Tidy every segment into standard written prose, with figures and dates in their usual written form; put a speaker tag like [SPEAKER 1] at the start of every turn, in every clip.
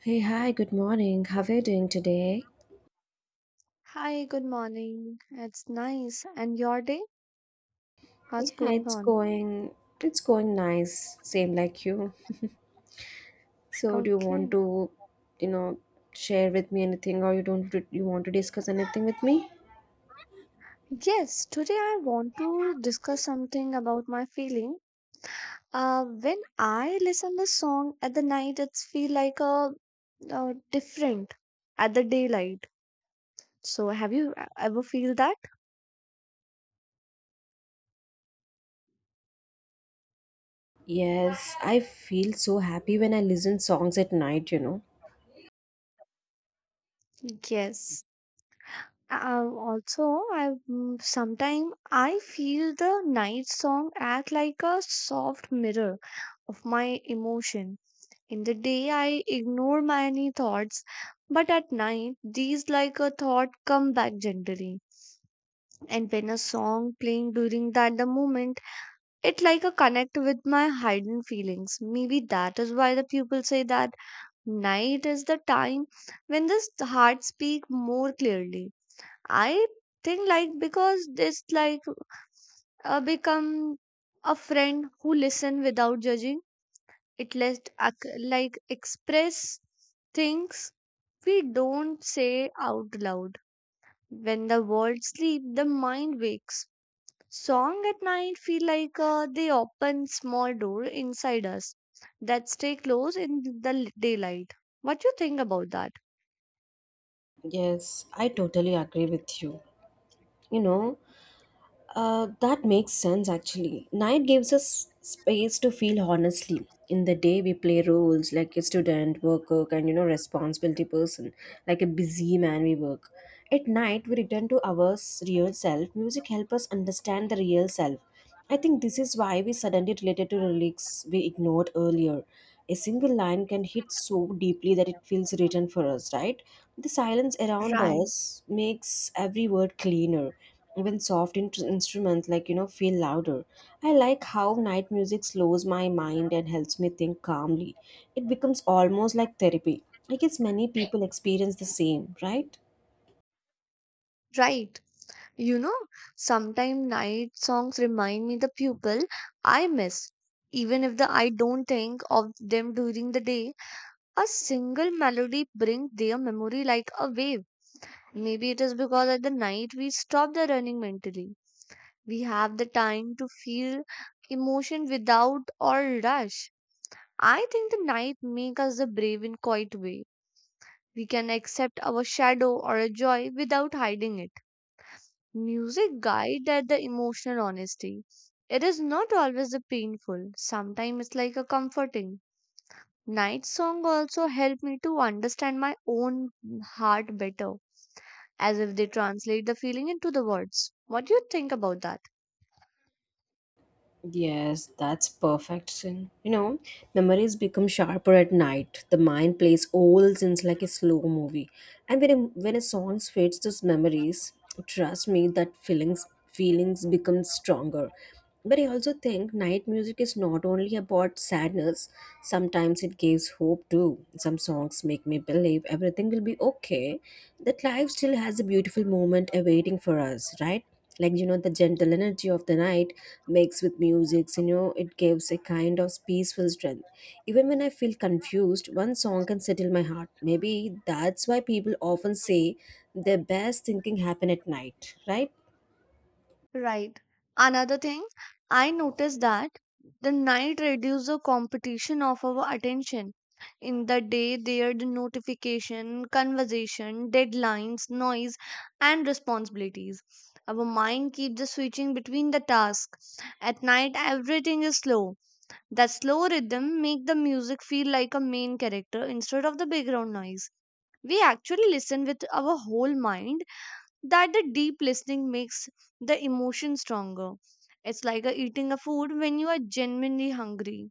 [SPEAKER 1] Hey, hi, good morning. How are you doing today?
[SPEAKER 2] Hi, good morning. It's nice. And your day? What's
[SPEAKER 1] Yeah,
[SPEAKER 2] going
[SPEAKER 1] it's
[SPEAKER 2] on?
[SPEAKER 1] going it's going nice, same like you. So, do you want
[SPEAKER 2] Okay.
[SPEAKER 1] to, you know, share with me anything or you don't you want to discuss anything with me?
[SPEAKER 2] Yes, today I want to discuss something about my feeling. When I listen the song at the night, it's feel like a different at the daylight. So have you ever feel that?
[SPEAKER 1] Yes, I feel so happy when I listen songs at night, you know.
[SPEAKER 2] Yes. Also, sometime I feel the night song act like a soft mirror of my emotion. In the day, I ignore many thoughts, but at night, these like a thought come back gently. And when a song playing during that the moment, it like a connect with my hidden feelings. Maybe that is why the people say that night is the time when this heart speak more clearly. I think like because this like become a friend who listen without judging, it lets like express things we don't say out loud. When the world sleeps, the mind wakes. Song at night feel like they open small door inside us that stay close in the daylight. What you think about that?
[SPEAKER 1] Yes, I totally agree with you. You know, that makes sense actually. Night gives us space to feel honestly. In the day, we play roles like a student, worker, and, you know, responsibility person, like a busy man we work. At night, we return to our real self. Music helps us understand the real self. I think this is why we suddenly related to lyrics we ignored earlier. A single line can hit so deeply that it feels written for us, right? The silence around
[SPEAKER 2] Right.
[SPEAKER 1] us makes every word cleaner. Even soft instruments like, you know, feel louder. I like how night music slows my mind and helps me think calmly. It becomes almost like therapy. I guess many people experience the same, right?
[SPEAKER 2] Right. You know, sometimes night songs remind me the people I miss, even if the I don't think of them during the day. A single melody brings their memory like a wave. Maybe it is because at the night we stop the running mentally. We have the time to feel emotion without or rush. I think the night makes us the brave in quiet way. We can accept our shadow or a joy without hiding it. Music guides at the emotional honesty. It is not always the painful. Sometimes it's like a comforting. Night song also help me to understand my own heart better, as if they translate the feeling into the words. What do you think about that?
[SPEAKER 1] Yes, that's perfect. Sin, you know, memories become sharper at night. The mind plays old scenes like a slow movie. And when a song fades those memories, trust me that feelings become stronger. But I also think night music is not only about sadness. Sometimes it gives hope too. Some songs make me believe everything will be okay. That life still has a beautiful moment awaiting for us, right? Like, you know, the gentle energy of the night mixed with music, you know, it gives a kind of peaceful strength. Even when I feel confused, one song can settle my heart. Maybe that's why people often say their best thinking happen at night, right?
[SPEAKER 2] Right. Another thing, I noticed that the night reduces the competition of our attention. In the day, there the notification, conversation, deadlines, noise, and responsibilities. Our mind keeps the switching between the tasks. At night, everything is slow. That slow rhythm make the music feel like a main character instead of the background noise. We actually listen with our whole mind, that the deep listening makes the emotion stronger. It's like a eating a food when you are genuinely hungry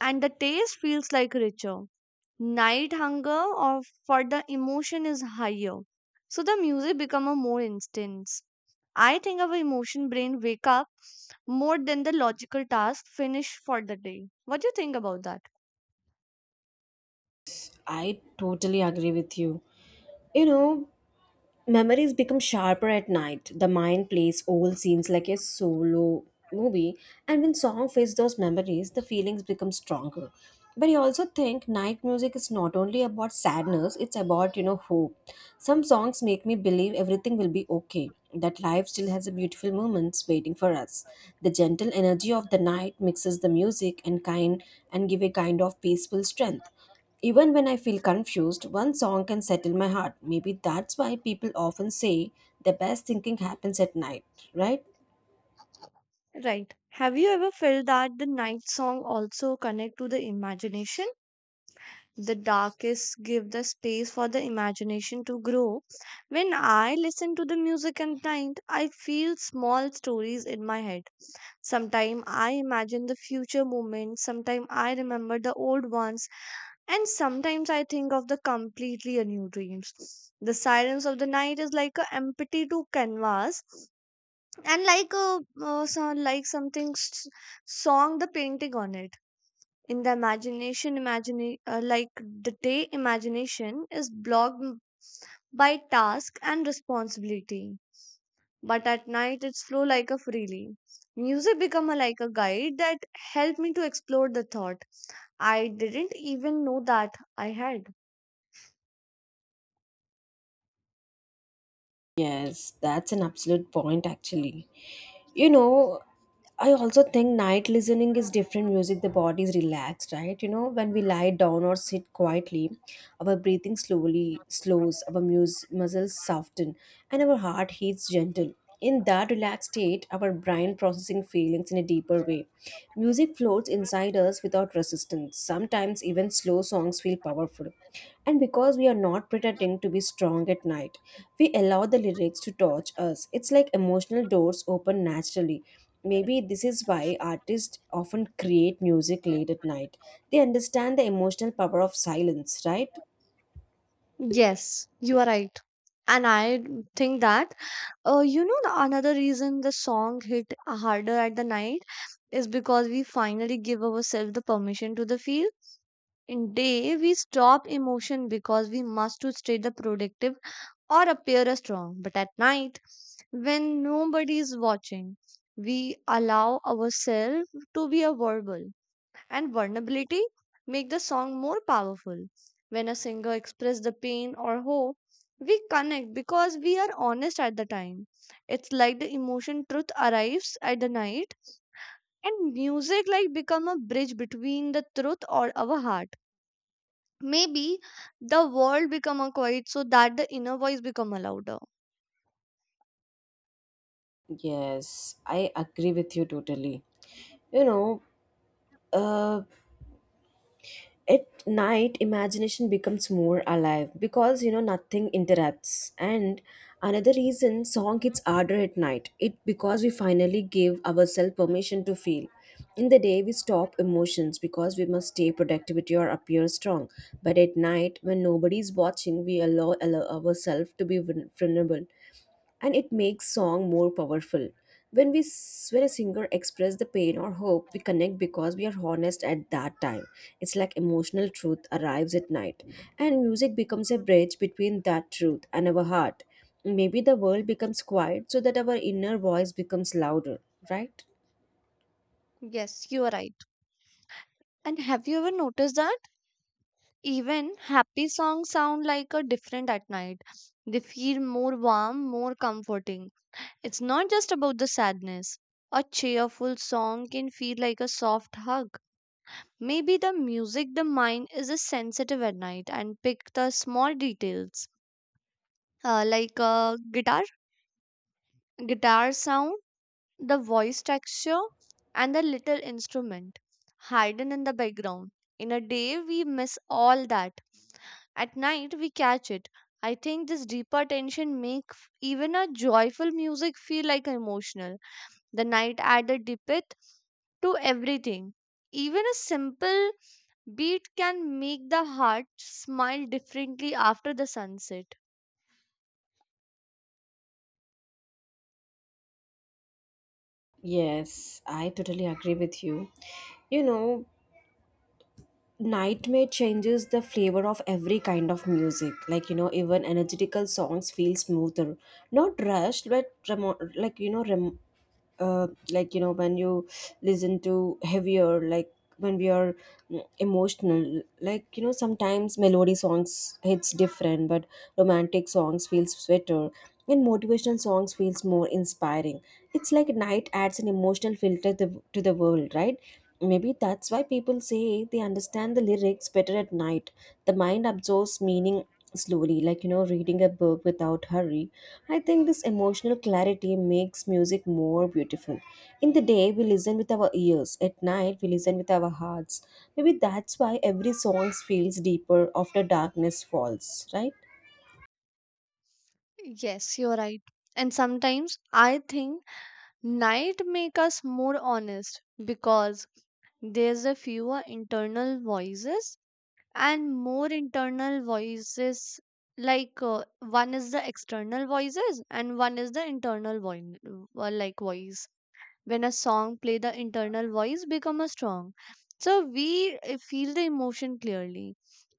[SPEAKER 2] and the taste feels like richer. Night hunger or for the emotion is higher. So the music become a more instance. I think our emotion brain wake up more than the logical task finish for the day. What do you think about that?
[SPEAKER 1] I totally agree with you. You know, memories become sharper at night. The mind plays old scenes like a solo movie, and when song fades those memories, the feelings become stronger. But I also think night music is not only about sadness, it's about, you know, hope. Some songs make me believe everything will be okay, that life still has a beautiful moments waiting for us. The gentle energy of the night mixes the music and kind and give a kind of peaceful strength. Even when I feel confused, one song can settle my heart. Maybe that's why people often say the best thinking happens at night, right?
[SPEAKER 2] Right. Have you ever felt that the night song also connect to the imagination? The darkest give the space for the imagination to grow. When I listen to the music at night, I feel small stories in my head. Sometimes I imagine the future moments, sometimes I remember the old ones, and sometimes I think of the completely new dreams. The silence of the night is like a empty to canvas and like a like something song the painting on it in the imagination imagine like the day imagination is blocked by task and responsibility, but at night it's flow like a freely. Music become a, like a guide that helped me to explore the thought I didn't even know that I had.
[SPEAKER 1] Yes, that's an absolute point actually. You know, I also think night listening is different music. The body is relaxed, right? You know, when we lie down or sit quietly, our breathing slowly slows, our muscles soften, and our heart heats gentle. In that relaxed state, our brain processing feelings in a deeper way. Music flows inside us without resistance. Sometimes even slow songs feel powerful. And because we are not pretending to be strong at night, we allow the lyrics to touch us. It's like emotional doors open naturally. Maybe this is why artists often create music late at night. They understand the emotional power of silence, right?
[SPEAKER 2] Yes, you are right. And I think that you know the another reason the song hit harder at the night is because we finally give ourselves the permission to the feel. In day, we stop emotion because we must to stay the productive or appear as strong. But at night, when nobody is watching, we allow ourselves to be a verbal. And vulnerability make the song more powerful. When a singer express the pain or hope, we connect because we are honest at the time. It's like the emotion truth arrives at the night and music like become a bridge between the truth or our heart. Maybe the world become a quiet so that the inner voice become a louder.
[SPEAKER 1] Yes, I agree with you totally. You know, uh, at night imagination becomes more alive because, you know, nothing interrupts. And another reason song hits harder at night it because we finally give ourselves permission to feel. In the day we stop emotions because we must stay productivity or appear strong, but at night when nobody is watching we allow ourselves to be vulnerable, and it makes song more powerful. When when a singer express the pain or hope we connect because we are honest at that time. It's like emotional truth arrives at night, and music becomes a bridge between that truth and our heart. Maybe the world becomes quiet so that our inner voice becomes louder, right?
[SPEAKER 2] Yes, you are right. And have you ever noticed that even happy songs sound like a different at night? They feel more warm, more comforting. It's not just about the sadness. A cheerful song can feel like a soft hug. Maybe the music the mind is a sensitive at night and pick the small details, like guitar sound, the voice texture, and the little instrument hidden in the background. In a day we miss all that, at night we catch it. I think this deeper tension make even a joyful music feel like emotional. The night added depth to everything. Even a simple beat can make the heart smile differently after the sunset.
[SPEAKER 1] Yes, I totally agree with you. You know, nightmare changes the flavor of every kind of music. Like, you know, even energetical songs feel smoother. Not rushed, but remo- like, you know, rem- like you know when you listen to heavier like when we are mm, emotional, like, you know, sometimes melody songs hits different, but romantic songs feels sweeter and motivational songs feels more inspiring. It's like night adds an emotional filter to the world, right? Maybe that's why people say they understand the lyrics better at night. The mind absorbs meaning slowly, like, you know, reading a book without hurry. I think this emotional clarity makes music more beautiful. In the day we listen with our ears, at night we listen with our hearts. Maybe that's why every song feels deeper after darkness falls, right?
[SPEAKER 2] Yes, you're right. And sometimes I think night make us more honest because there's a fewer internal voices and more internal voices. Like one is the external voices and one is the internal voice, like voice, when a song play the internal voice become a strong, so we feel the emotion clearly.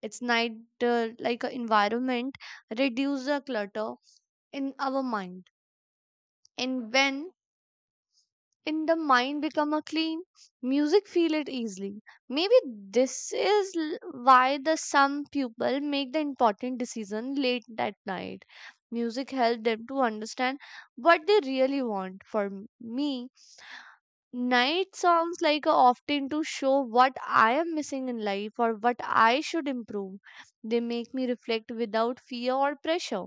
[SPEAKER 2] It's night like a environment reduce the clutter in our mind. And when in the mind become a clean, music feel it easily. Maybe this is why the some people make the important decision late at night. Music help them to understand what they really want for me. Night songs like are often to show what I am missing in life or what I should improve. They make me reflect without fear or pressure.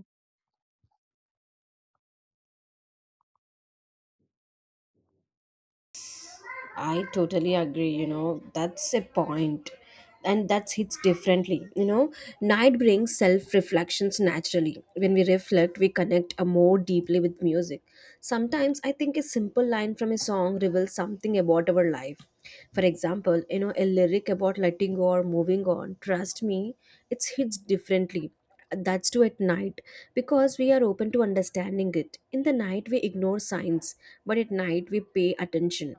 [SPEAKER 1] I totally agree, you know, that's a point. And that's hits differently. You know, night brings self reflections naturally. When we reflect, we connect, more deeply with music. Sometimes I think a simple line from a song reveals something about our life. For example, you know, a lyric about letting go or moving on, trust me, it hits differently. That's too at night because we are open to understanding it. In the night, we ignore signs, but at night, we pay attention.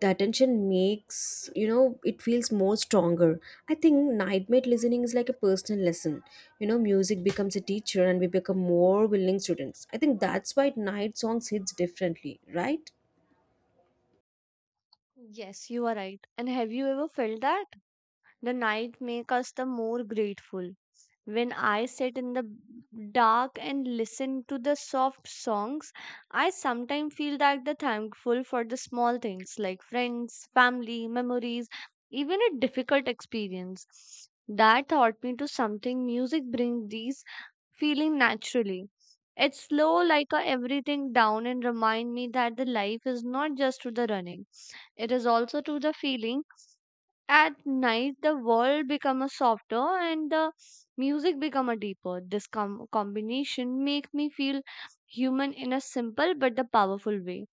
[SPEAKER 1] The attention makes, you know, it feels more stronger. I think nightmate listening is like a personal lesson. You know, music becomes a teacher and we become more willing students. I think that's why night songs hits differently, right?
[SPEAKER 2] Yes, you are right. And have you ever felt that the night make us the more grateful? When I sit in the dark and listen to the soft songs, I sometimes feel that the thankful for the small things like friends, family, memories, even a difficult experience. That taught me to something music brings these feeling naturally. It's slow like a everything down and remind me that the life is not just to the running. It is also to the feeling. At night the world become a softer and the music become a deeper. This combination make me feel human in a simple but the powerful way.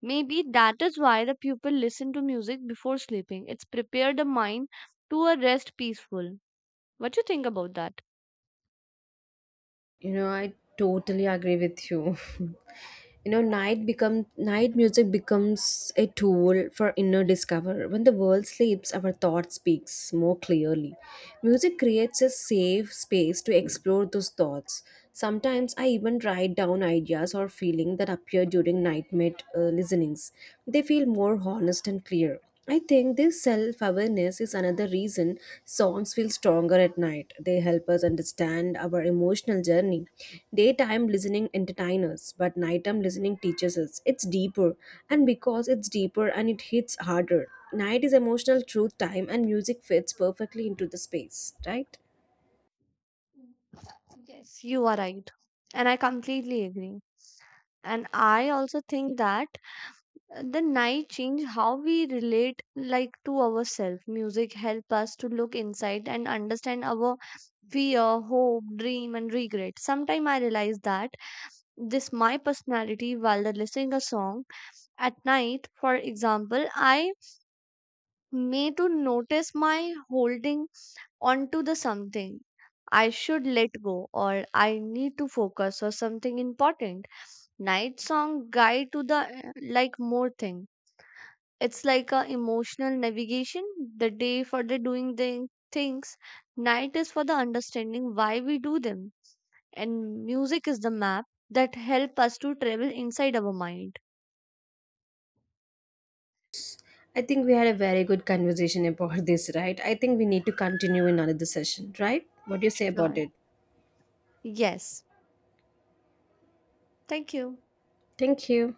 [SPEAKER 2] Maybe that is why the pupil listen to music before sleeping, it's prepare the mind to a rest peaceful. What you think about that?
[SPEAKER 1] You know, I totally agree with you. You know, night music becomes a tool for inner discover. When the world sleeps, our thought speaks more clearly. Music creates a safe space to explore those thoughts. Sometimes I even write down ideas or feelings that appear during nightmare listenings. They feel more honest and clear. I think this self awareness is another reason songs feel stronger at night. They help us understand our emotional journey. Daytime listening entertains us, but nighttime listening teaches us. It's deeper, and because it's deeper and it hits harder. Night is emotional truth time, and music fits perfectly into the space, right?
[SPEAKER 2] Yes, you are right and I completely agree. And I also think that the night change how we relate like to ourselves. Music help us to look inside and understand our fear, hope, dream, and regret. Sometime I realize that this my personality while the listening a song at night. For example, I may to notice my holding onto the something I should let go, or I need to focus on something important. Night song guide to the like more thing. It's like a emotional navigation. The day for the doing the things, night is for the understanding why we do them. And music is the map that help us to travel inside our mind.
[SPEAKER 1] I think we had a very good conversation about this, right? I think we need to continue in another session, right? What do you say about
[SPEAKER 2] Sure.
[SPEAKER 1] it?
[SPEAKER 2] Yes. Thank you.
[SPEAKER 1] Thank you.